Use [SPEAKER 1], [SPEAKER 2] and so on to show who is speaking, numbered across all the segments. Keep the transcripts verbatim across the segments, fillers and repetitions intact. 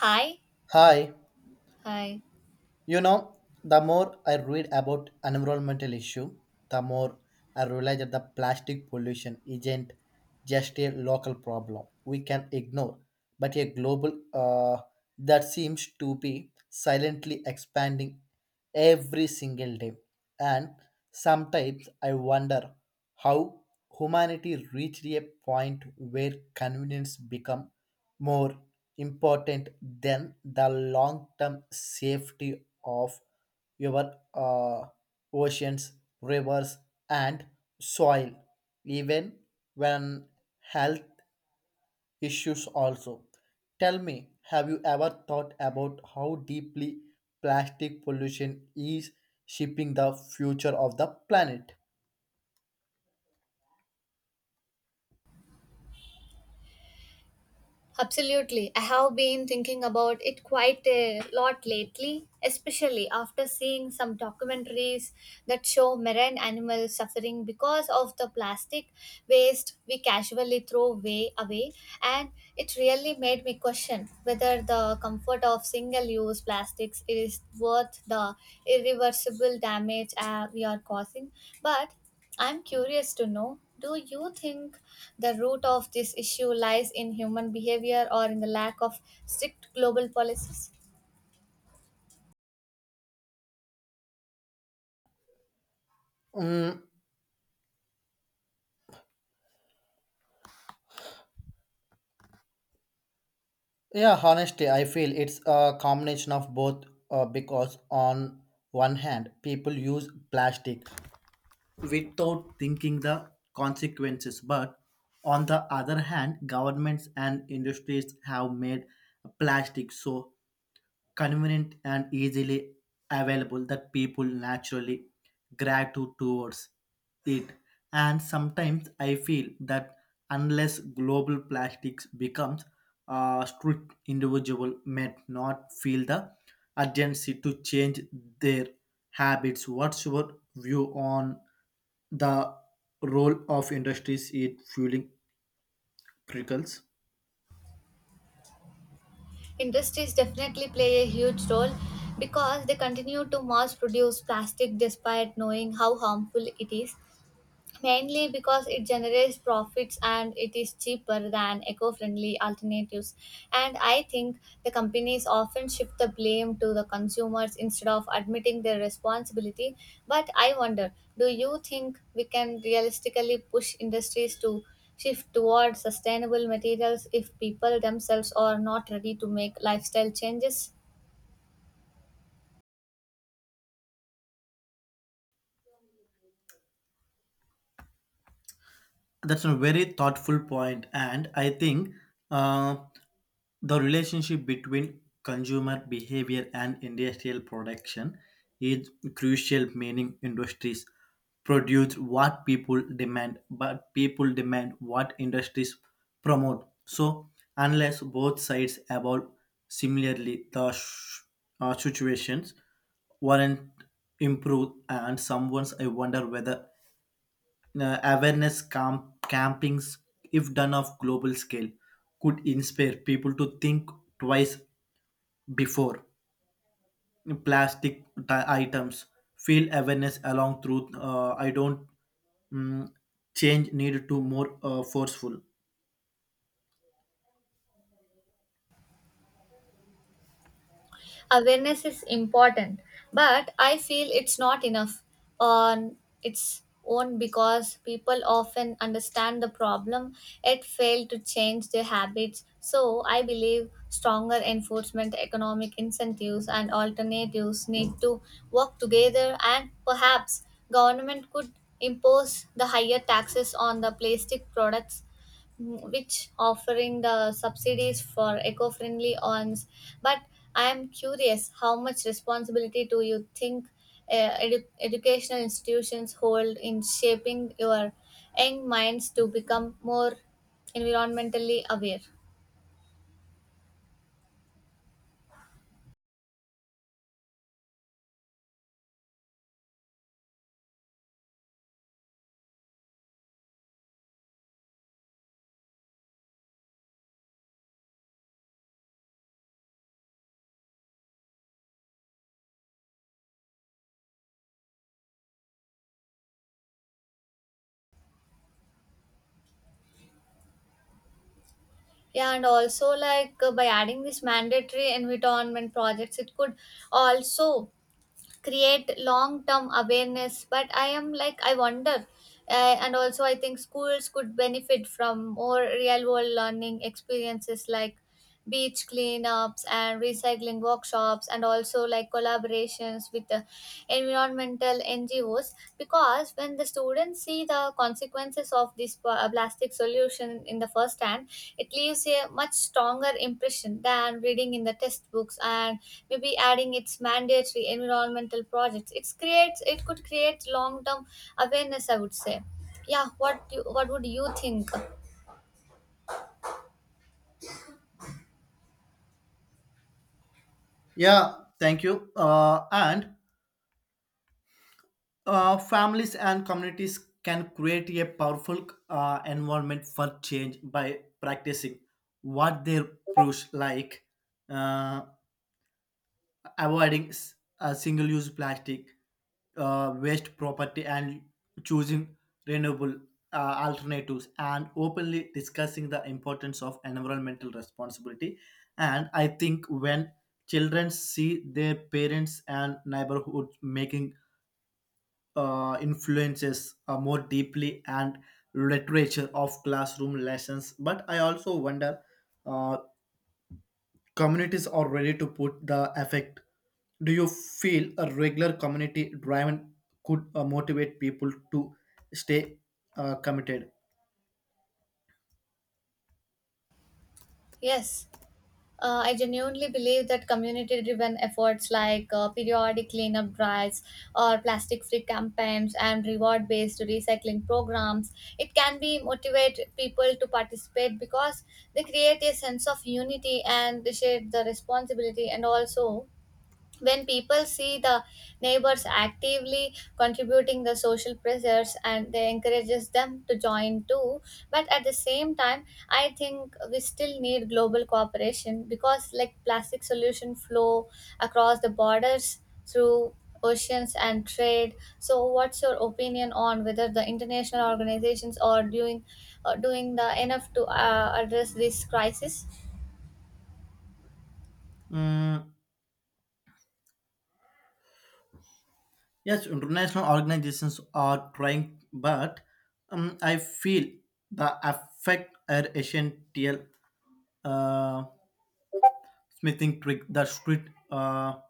[SPEAKER 1] Hi,
[SPEAKER 2] Hi,
[SPEAKER 1] hi.
[SPEAKER 2] you know, the more I read about environmental issue, the more I realize that the plastic pollution isn't just a local problem we can ignore, but a global uh, that seems to be silently expanding every single day. And sometimes I wonder how humanity reached a point where convenience become more important than the long-term safety of your uh, oceans, rivers, and soil, even when health issues also. Tell me, have you ever thought about how deeply plastic pollution is shaping the future of the planet?
[SPEAKER 1] Absolutely. I have been thinking about it quite a lot lately, especially after seeing some documentaries that show marine animals suffering because of the plastic waste we casually throw way away. And it really made me question whether the comfort of single use plastics is worth the irreversible damage uh, we are causing. But I'm curious to know, do you think the root of this issue lies in human behavior or in the lack of strict global policies?
[SPEAKER 2] Yeah, honestly, I feel it's a combination of both, uh, because on one hand, people use plastic without thinking the consequences. But on the other hand, governments and industries have made plastic so convenient and easily available that people naturally gravitate towards it. And sometimes I feel that unless global plastics becomes a strict individual may not feel the urgency to change their habits. What's your view on the role of industries in fueling criticals?
[SPEAKER 1] Industries definitely play a huge role because they continue to mass produce plastic despite knowing how harmful it is. Mainly because it generates profits and it is cheaper than eco-friendly alternatives, and I think the companies often shift the blame to the consumers instead of admitting their responsibility. But I wonder, do you think we can realistically push industries to shift towards sustainable materials if people themselves are not ready to make lifestyle changes?
[SPEAKER 2] That's a very thoughtful point, and I think, uh, the relationship between consumer behavior and industrial production is crucial, meaning industries produce what people demand, but people demand what industries promote. So, unless both sides evolve similarly, the sh- uh, situations weren't improved. And someone's, I wonder whether uh, awareness camp, campings, if done of global scale, could inspire people to think twice before plastic ti- items. Feel awareness along through. Uh, I don't, mm, change needed to more uh, forceful.
[SPEAKER 1] Awareness is important, but I feel it's not enough on its own because people often understand the problem yet fail to change their habits. So I believe stronger enforcement, economic incentives, and alternatives need to work together, and perhaps government could impose the higher taxes on the plastic products, mm, which offering the subsidies for eco-friendly ones. But I am curious, how much responsibility do you think uh, edu- educational institutions hold in shaping your young minds to become more environmentally aware? Yeah, and also, like, uh, by adding this mandatory environment projects, it could also create long term awareness. But I am, like, I wonder. Uh, and also, I think schools could benefit from more real world learning experiences like beach cleanups and recycling workshops, and also like collaborations with the environmental N G Os, because when the students see the consequences of this pl- plastic solution in the first hand, it leaves a much stronger impression than reading in the textbooks. And maybe adding its mandatory environmental projects, it creates, it could create long term awareness, I would say. Yeah, what you, what would you think?
[SPEAKER 2] Yeah, thank you. Uh, and uh, families and communities can create a powerful uh, environment for change by practicing what they push like. Uh, avoiding s- uh, single-use plastic uh, waste property and choosing renewable uh, alternatives and openly discussing the importance of environmental responsibility. And I think when children see their parents and neighborhoods making uh, influences uh, more deeply and literature of classroom lessons, but I also wonder uh, communities are ready to put the effect. Do you feel a regular community driven could uh, motivate people to stay uh, committed?
[SPEAKER 1] Yes. Uh, I genuinely believe that community driven efforts like uh, periodic cleanup drives or plastic free campaigns and reward based recycling programs, it can be motivate people to participate because they create a sense of unity and they share the responsibility. And also, when people see the neighbors actively contributing, the social pressures and they encourages them to join too. But at the same time, I think we still need global cooperation, because like plastic solution flow across the borders through oceans and trade. So what's your opinion on whether the international organizations are doing, are doing the enough to uh, address this crisis?
[SPEAKER 2] Mm, yes, international organizations are trying, but um, I feel the effect are essential, uh, smithing trick, the strict uh,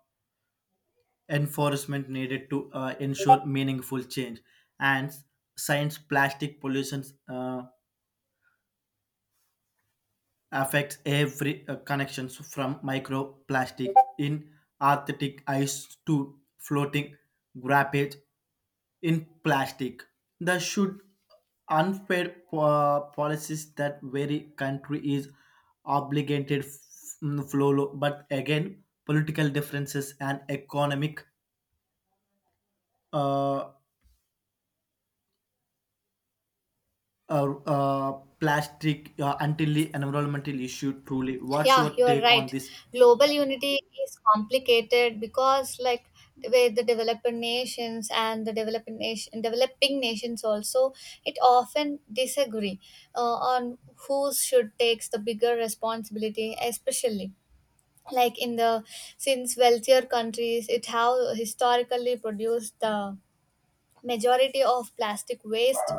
[SPEAKER 2] enforcement needed to uh, ensure meaningful change, and science plastic pollution. Uh, affects every uh, connections from microplastic in Arctic ice to floating graphite in plastic. There should unfair po- policies that very country is obligated f- mm, follow. But again, political differences and economic uh, uh, uh, plastic uh, until the environmental issue. Truly, what's
[SPEAKER 1] Yeah,
[SPEAKER 2] your
[SPEAKER 1] you are
[SPEAKER 2] take on
[SPEAKER 1] right.
[SPEAKER 2] this?
[SPEAKER 1] Global unity is complicated because, like, with the developed nations and the developing nation, developing nations also, it often disagree uh, on who should takes the bigger responsibility, especially like in the, since wealthier countries it have historically produced the majority of plastic waste,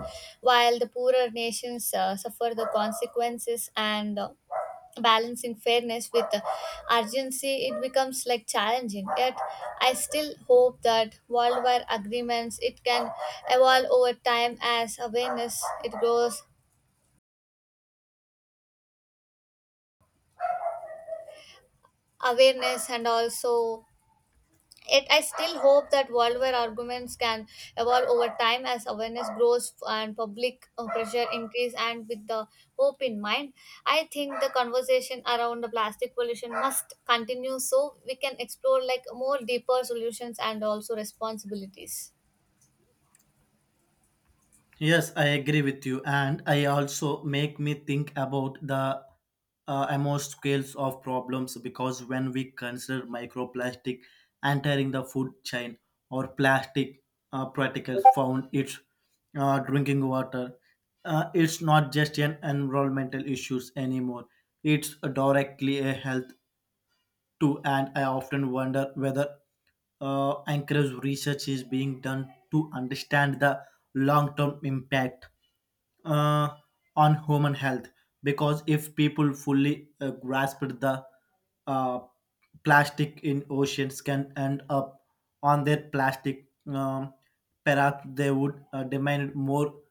[SPEAKER 1] while the poorer nations uh, suffer the consequences. And uh, balancing fairness with uh, urgency, it becomes like challenging. Yet I still hope that worldwide agreements it can evolve over time as awareness it grows, awareness. And also it, I still hope that worldwide arguments can evolve over time as awareness grows and public uh, pressure increase. And with the hope in mind, I think the conversation around the plastic pollution must continue so we can explore like more deeper solutions and also responsibilities.
[SPEAKER 2] Yes, I agree with you, and I also make me think about the uh, amount scales of problems because when we consider microplastic entering the food chain or plastic uh, particles found its uh, drinking water, uh, it's not just an environmental issues anymore. It's directly a health too, and I often wonder whether uh, Anchorage research is being done to understand the long term impact uh, on human health. Because if people fully uh, grasped the uh, plastic in oceans can end up on their plastic, um, perhaps they would uh, demand more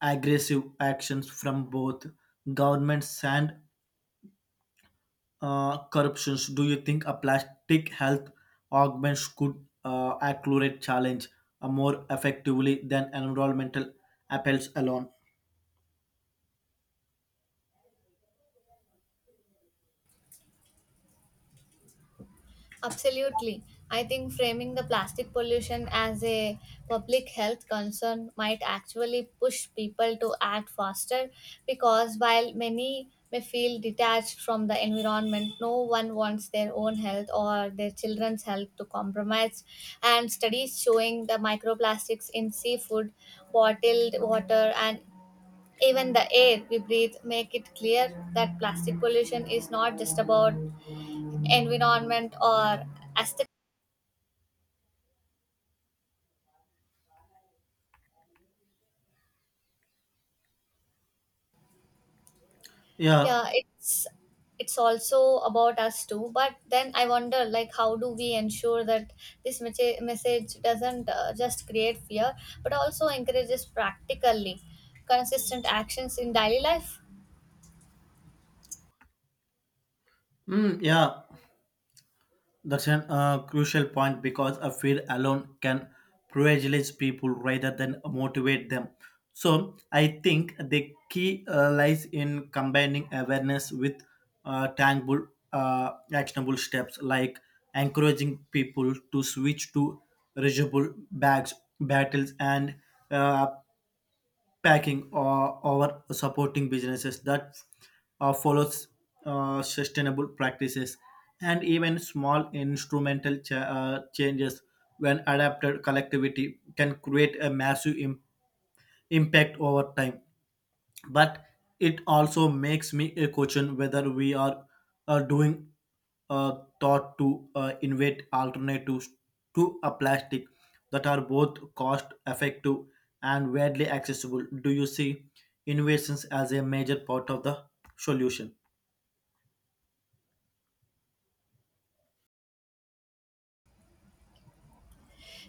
[SPEAKER 2] aggressive actions from both governments and uh, corruptions. Do you think a plastic health augments could uh, accelerate challenge uh, more effectively than environmental appeals alone?
[SPEAKER 1] Absolutely. I think framing the plastic pollution as a public health concern might actually push people to act faster, because while many may feel detached from the environment, no one wants their own health or their children's health to compromise. And studies showing the microplastics in seafood, bottled water, and even the air we breathe make it clear that plastic pollution is not just about environment or aesthetic.
[SPEAKER 2] Yeah,
[SPEAKER 1] Yeah, it's it's also about us too. But then I wonder, like, how do we ensure that this message, message doesn't uh, just create fear, but also encourages practically consistent actions in daily life?
[SPEAKER 2] mm, yeah. That's a uh, crucial point because a fear alone can privilege people rather than motivate them. So I think the key uh, lies in combining awareness with uh, tangible, uh, actionable steps like encouraging people to switch to reusable bags, battles, and uh, packing or, or supporting businesses that uh, follows uh, sustainable practices, and even small instrumental cha- uh, changes when adapted collectivity can create a massive im- impact over time. But it also makes me uh, question whether we are uh, doing uh, thought to uh, invent alternatives to a plastic that are both cost effective and widely accessible. Do you see innovations as a major part of the solution?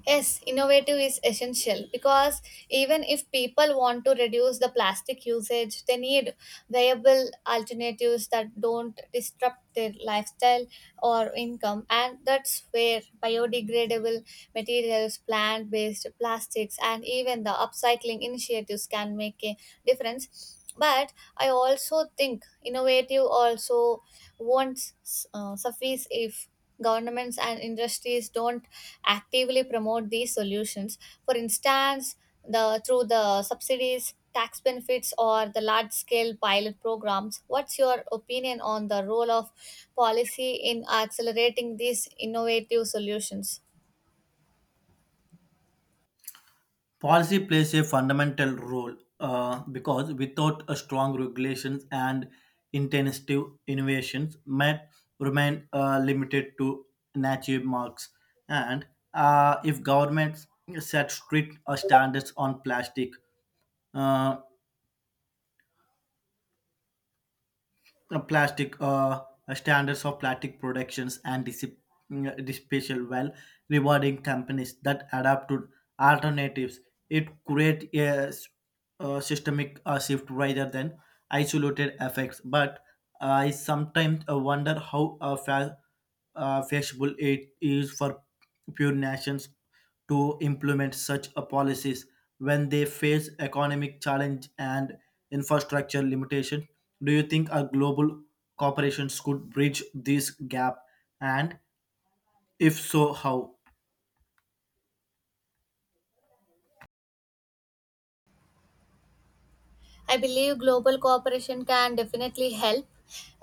[SPEAKER 1] Yes, innovative is essential because even if people want to reduce the plastic usage, they need viable alternatives that don't disrupt their lifestyle or income. And that's where biodegradable materials, plant based plastics, and even the upcycling initiatives can make a difference. But I also think innovative also won't s- uh, suffice if governments and industries don't actively promote these solutions. For instance, the through the subsidies, tax benefits, or the large-scale pilot programs. What's your opinion on the role of policy in accelerating these innovative solutions?
[SPEAKER 2] Policy plays a fundamental role uh, because without a strong regulations and intensive innovations might remain uh, limited to native marks. And uh, if governments set strict uh, standards on plastic, uh, uh, plastic uh, standards of plastic productions and dissip- mm, disposal while rewarding companies that adapt to alternatives. It creates a, s- a systemic uh, shift rather than isolated effects. But I sometimes uh, wonder how uh, fa- uh, flexible it is for pure nations to implement such a policies when they face economic challenge and infrastructure limitation. Do you think our global corporations could bridge this gap, and if so, how?
[SPEAKER 1] I believe global cooperation can definitely help,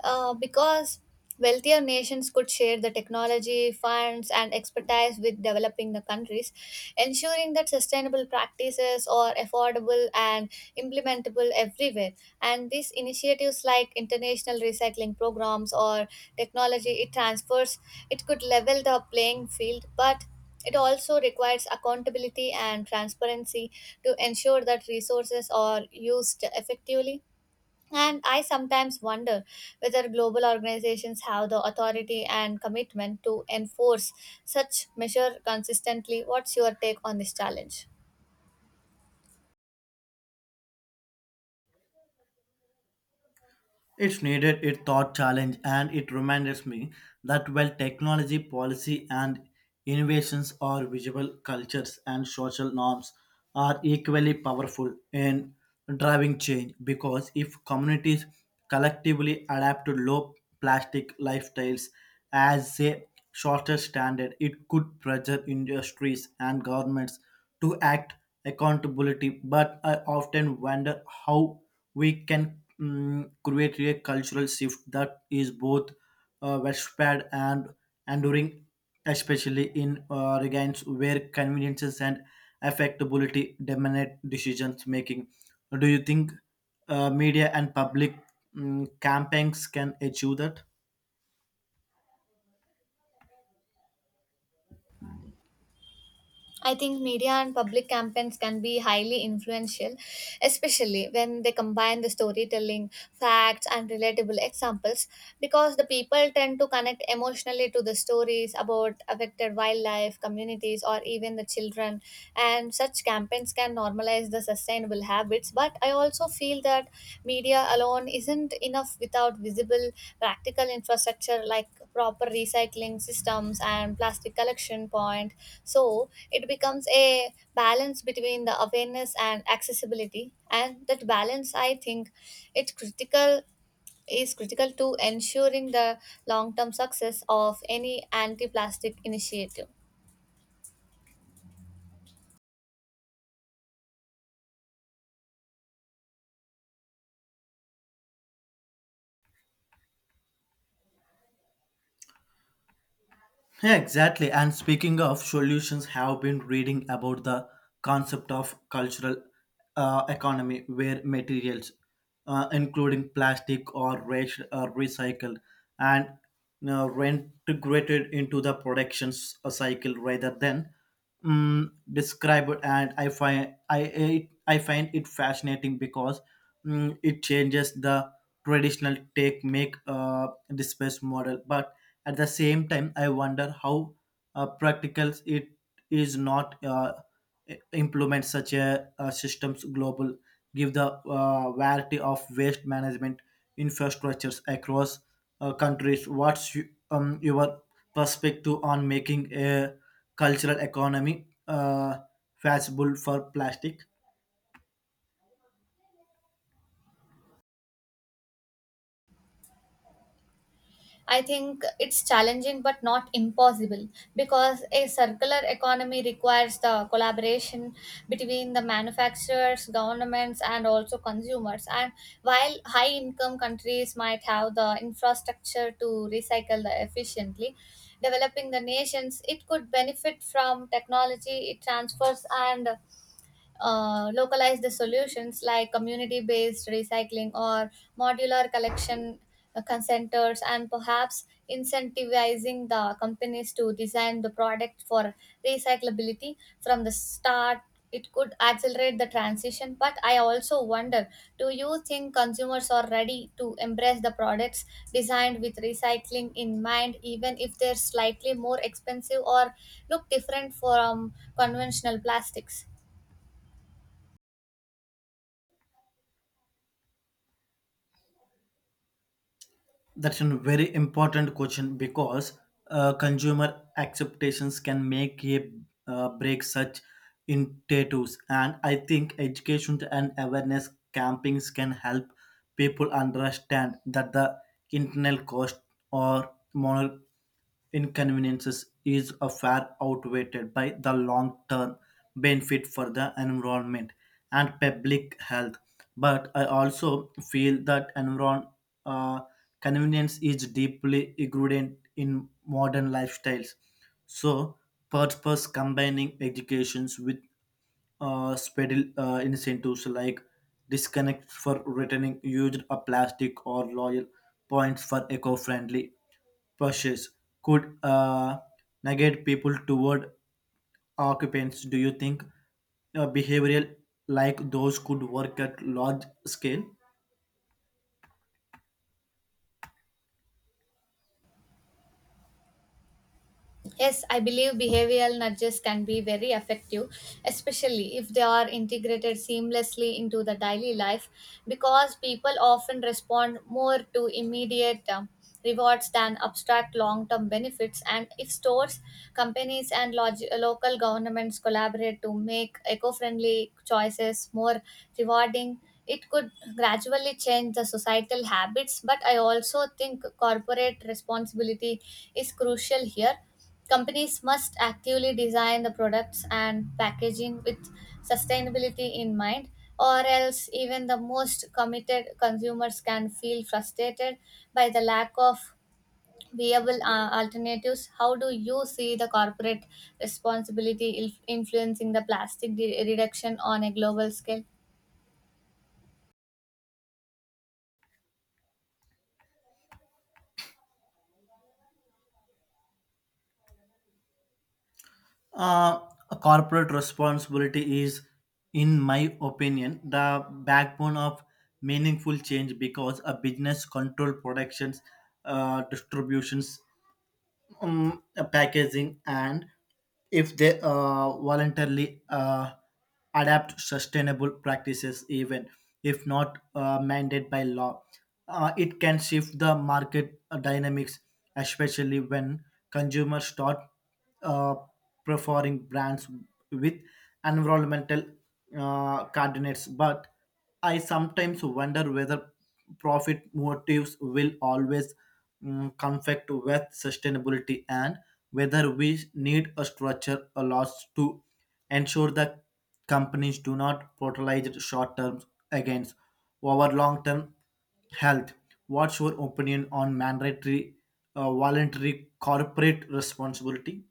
[SPEAKER 1] uh, because wealthier nations could share the technology, funds, and expertise with developing the countries, ensuring that sustainable practices are affordable and implementable everywhere. And these initiatives, like international recycling programs or technology it transfers, it could level the playing field, but it also requires accountability and transparency to ensure that resources are used effectively. And I sometimes wonder whether global organizations have the authority and commitment to enforce such measure consistently. What's your take on this challenge?
[SPEAKER 2] It's needed a thought challenge, and it reminds me that while technology, policy, and innovations are visible, cultures and social norms are equally powerful in driving change because if communities collectively adapt to low plastic lifestyles as a shorter standard, it could pressure industries and governments to act accountability. But I often wonder how we can, mm, create a cultural shift that is both uh, widespread and enduring, especially in uh, regards where conveniences and affectability dominate decisions making. Do you think uh, media and public mm, campaigns can achieve that?
[SPEAKER 1] I think media and public campaigns can be highly influential, especially when they combine the storytelling, facts, and relatable examples, because the people tend to connect emotionally to the stories about affected wildlife, communities, or even the children. And such campaigns can normalize the sustainable habits. But I also feel that media alone isn't enough without visible, practical infrastructure like proper recycling systems and plastic collection point. So it becomes a balance between the awareness and accessibility, and that balance, I think, it's critical, is critical to ensuring the long term success of any anti plastic initiative.
[SPEAKER 2] Yeah, exactly. And speaking of solutions, have been reading about the concept of cultural uh, economy, where materials, uh, including plastic or rash, are recycled and uh, reintegrated into the production s- uh, cycle rather than um, described. And I find I it, I find it fascinating because, mm, it changes the traditional take make uh, disperse model, but at the same time, I wonder how uh, practical it is not uh, i- implement such a, uh systems global, give the uh, variety of waste management infrastructures across uh, countries. What's you, um, your perspective on making a cultural economy uh, feasible for plastic?
[SPEAKER 1] I think it's challenging but not impossible, because a circular economy requires the collaboration between the manufacturers, governments, and also consumers. And while high income countries might have the infrastructure to recycle the efficiently, developing the nations it could benefit from technology it transfers and uh, localize the solutions like community based recycling or modular collection uh, consenters. And perhaps incentivizing the companies to design the product for recyclability from the start, it could accelerate the transition. But I also wonder, do you think consumers are ready to embrace the products designed with recycling in mind, even if they're slightly more expensive or look different from conventional plastics?
[SPEAKER 2] That's a very important question because uh, consumer acceptations can make a uh, break such initiatives, and I think education and awareness campings can help people understand that the internal cost or moral inconveniences is a far outweighed by the long-term benefit for the environment and public health. But I also feel that environ environment convenience is deeply ingrained in modern lifestyles. So, purpose combining educations with uh, special uh, incentives like disconnect for returning used a plastic or loyal points for eco-friendly purchase could uh, negate people toward occupants. Do you think uh, behavioral like those could work at large scale?
[SPEAKER 1] Yes, I believe behavioral nudges can be very effective, especially if they are integrated seamlessly into the daily life, because people often respond more to immediate um, rewards than abstract long term benefits. And if stores, companies, and log- local governments collaborate to make eco friendly choices more rewarding, it could gradually change the societal habits. But I also think corporate responsibility is crucial here. Companies must actively design the products and packaging with sustainability in mind, or else, even the most committed consumers can feel frustrated by the lack of viable uh, alternatives. How do you see the corporate responsibility il- influencing the plastic de- reduction on a global scale?
[SPEAKER 2] Uh, a corporate responsibility is, in my opinion, the backbone of meaningful change because a business control productions, uh, distributions, um, packaging, and if they uh, voluntarily uh, adapt sustainable practices even if not uh, mandated by law, uh, it can shift the market uh, dynamics, especially when consumers start uh, preferring brands with environmental uh, coordinates. But I sometimes wonder whether profit motives will always, mm, conflict with sustainability and whether we need a structure a loss to ensure that companies do not prioritize short term against our long term health. What's your opinion on mandatory uh, voluntary corporate responsibility?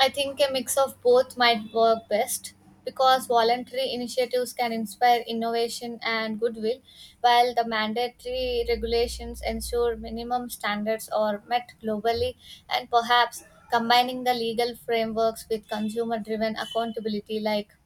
[SPEAKER 1] I think a mix of both might work best, because voluntary initiatives can inspire innovation and goodwill, while the mandatory regulations ensure minimum standards are met globally. And perhaps combining the legal frameworks with consumer driven accountability, like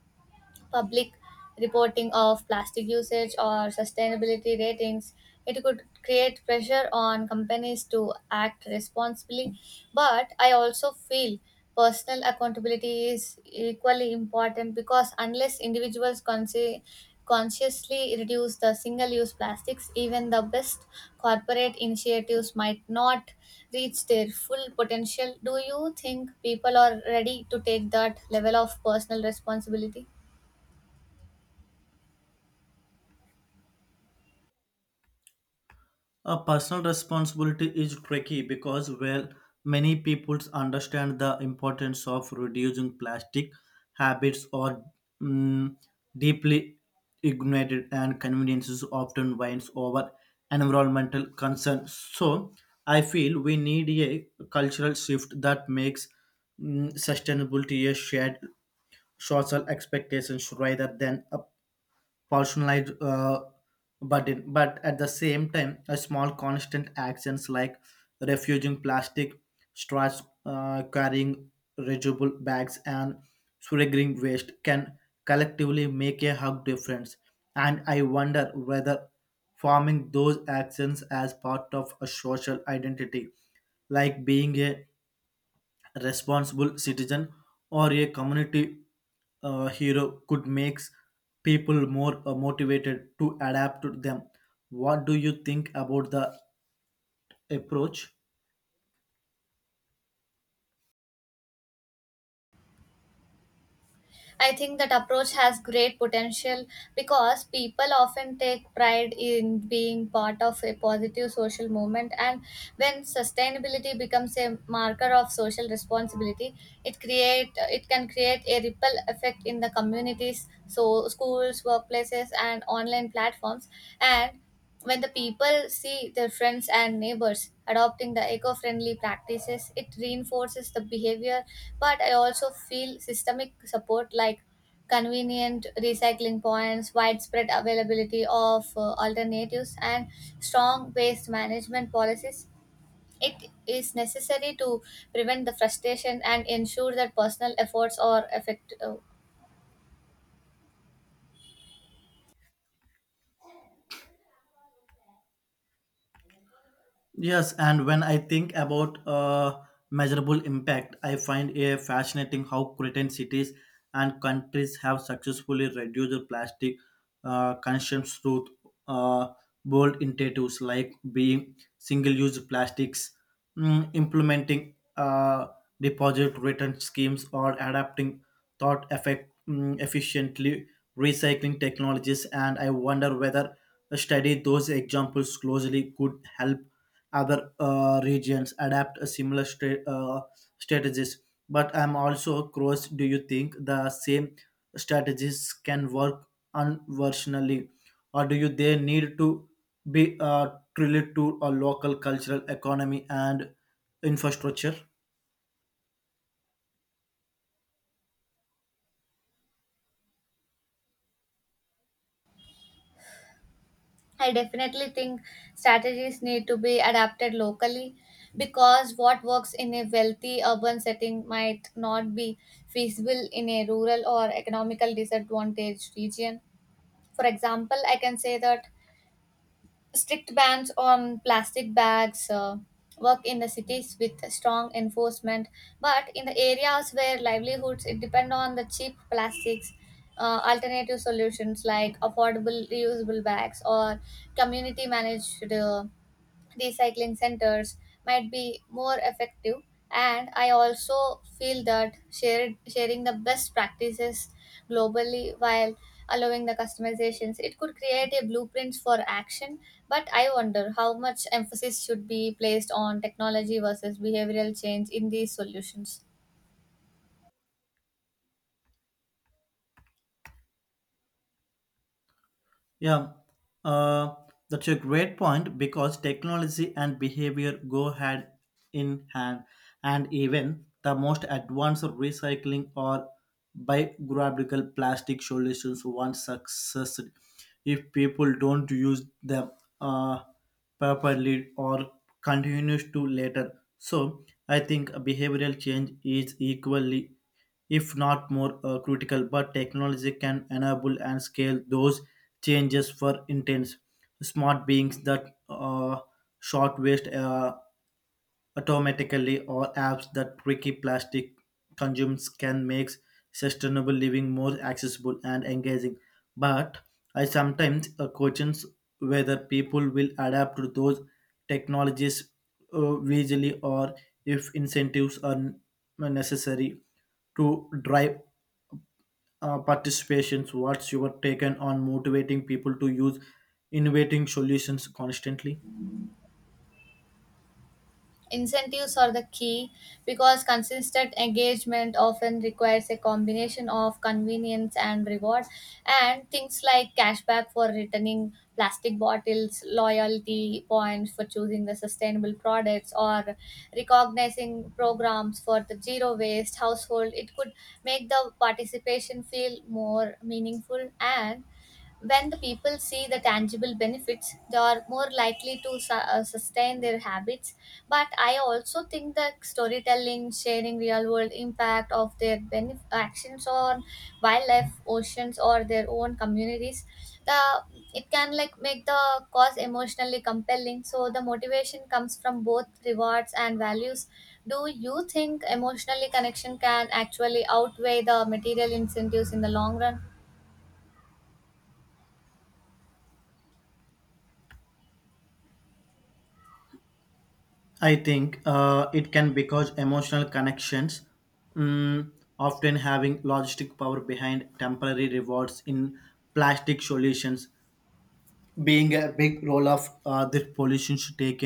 [SPEAKER 1] public reporting of plastic usage or sustainability ratings, it could create pressure on companies to act responsibly. But I also feel personal accountability is equally important, because unless individuals consi- consciously reduce the single use plastics, even the best corporate initiatives might not reach their full potential. Do you think people are ready to take that level of personal responsibility?
[SPEAKER 2] A personal responsibility is tricky because, well, many people understand the importance of reducing plastic habits or, mm, deeply ignited and conveniences often wins over environmental concerns. So, I feel we need a cultural shift that makes, mm, sustainability a shared social expectations rather than a personalized uh, burden. But at the same time, a small constant actions like refusing plastic straws, uh, carrying reusable bags, and surrendering waste can collectively make a hug difference. And I wonder whether forming those actions as part of a social identity, like being a responsible citizen or a community uh, hero could make people more uh, motivated to adapt to them. What do you think about the approach?
[SPEAKER 1] I think that approach has great potential, because people often take pride in being part of a positive social movement. And when sustainability becomes a marker of social responsibility, it create, it can create a ripple effect in the communities, so schools, workplaces, and online platforms. And when the people see their friends and neighbors adopting the eco friendly practices, it reinforces the behavior. But I also feel systemic support like convenient recycling points, widespread availability of uh, alternatives, and strong waste management policies. It is necessary to prevent the frustration and ensure that personal efforts are effective.
[SPEAKER 2] Yes, and when I think about uh, measurable impact, I find it fascinating how certain cities and countries have successfully reduced the plastic uh, consumption through uh, bold initiatives like being single-use plastics, mm, implementing uh, deposit return schemes, or adapting thought effect mm, efficiently recycling technologies. And I wonder whether study those examples closely could help other uh, regions adapt a similar stra- uh, strategies. But I'm also curious, do you think the same strategies can work unversionally, or do you they need to be uh, related to a local cultural economy and infrastructure?
[SPEAKER 1] I definitely think strategies need to be adapted locally, because what works in a wealthy urban setting might not be feasible in a rural or economical disadvantaged region. For example, I can say that strict bans on plastic bags uh, work in the cities with strong enforcement, but in the areas where livelihoods it depend on the cheap plastics, uh, alternative solutions like affordable reusable bags or community managed uh, recycling centers might be more effective. And I also feel that shared, sharing the best practices globally while allowing the customizations, it could create a blueprint for action. But I wonder how much emphasis should be placed on technology versus behavioral change in these solutions?
[SPEAKER 2] Yeah, uh, that's a great point because technology and behavior go hand in hand. And even the most advanced recycling or biodegradable plastic solutions once successful if people don't use them uh, properly or continues to later. So I think behavioral change is equally, if not more uh, critical, but technology can enable and scale those changes for intense smart beings that uh, short waste uh, automatically or apps that tricky plastic consumes can make sustainable living more accessible and engaging. But I sometimes uh, question whether people will adapt to those technologies uh, visually or if incentives are n- necessary to drive uh, participations. What's your take on motivating people to use innovating solutions constantly?
[SPEAKER 1] Incentives are the key, because consistent engagement often requires a combination of convenience and reward, and things like cashback for returning plastic bottles, loyalty points for choosing the sustainable products, or recognizing programs for the zero waste household. It could make the participation feel more meaningful. And when the people see the tangible benefits, they are more likely to su- uh, sustain their habits. But I also think that storytelling, sharing real world impact of their benef- actions on wildlife, oceans, or their own communities, the it can like make the cause emotionally compelling. So the motivation comes from both rewards and values. Do you think emotionally connection can actually outweigh the material incentives in the long run?
[SPEAKER 2] I think uh, it can because emotional connections, mm, often having logistic power behind temporary rewards in plastic solutions being a big role of uh, this pollution taking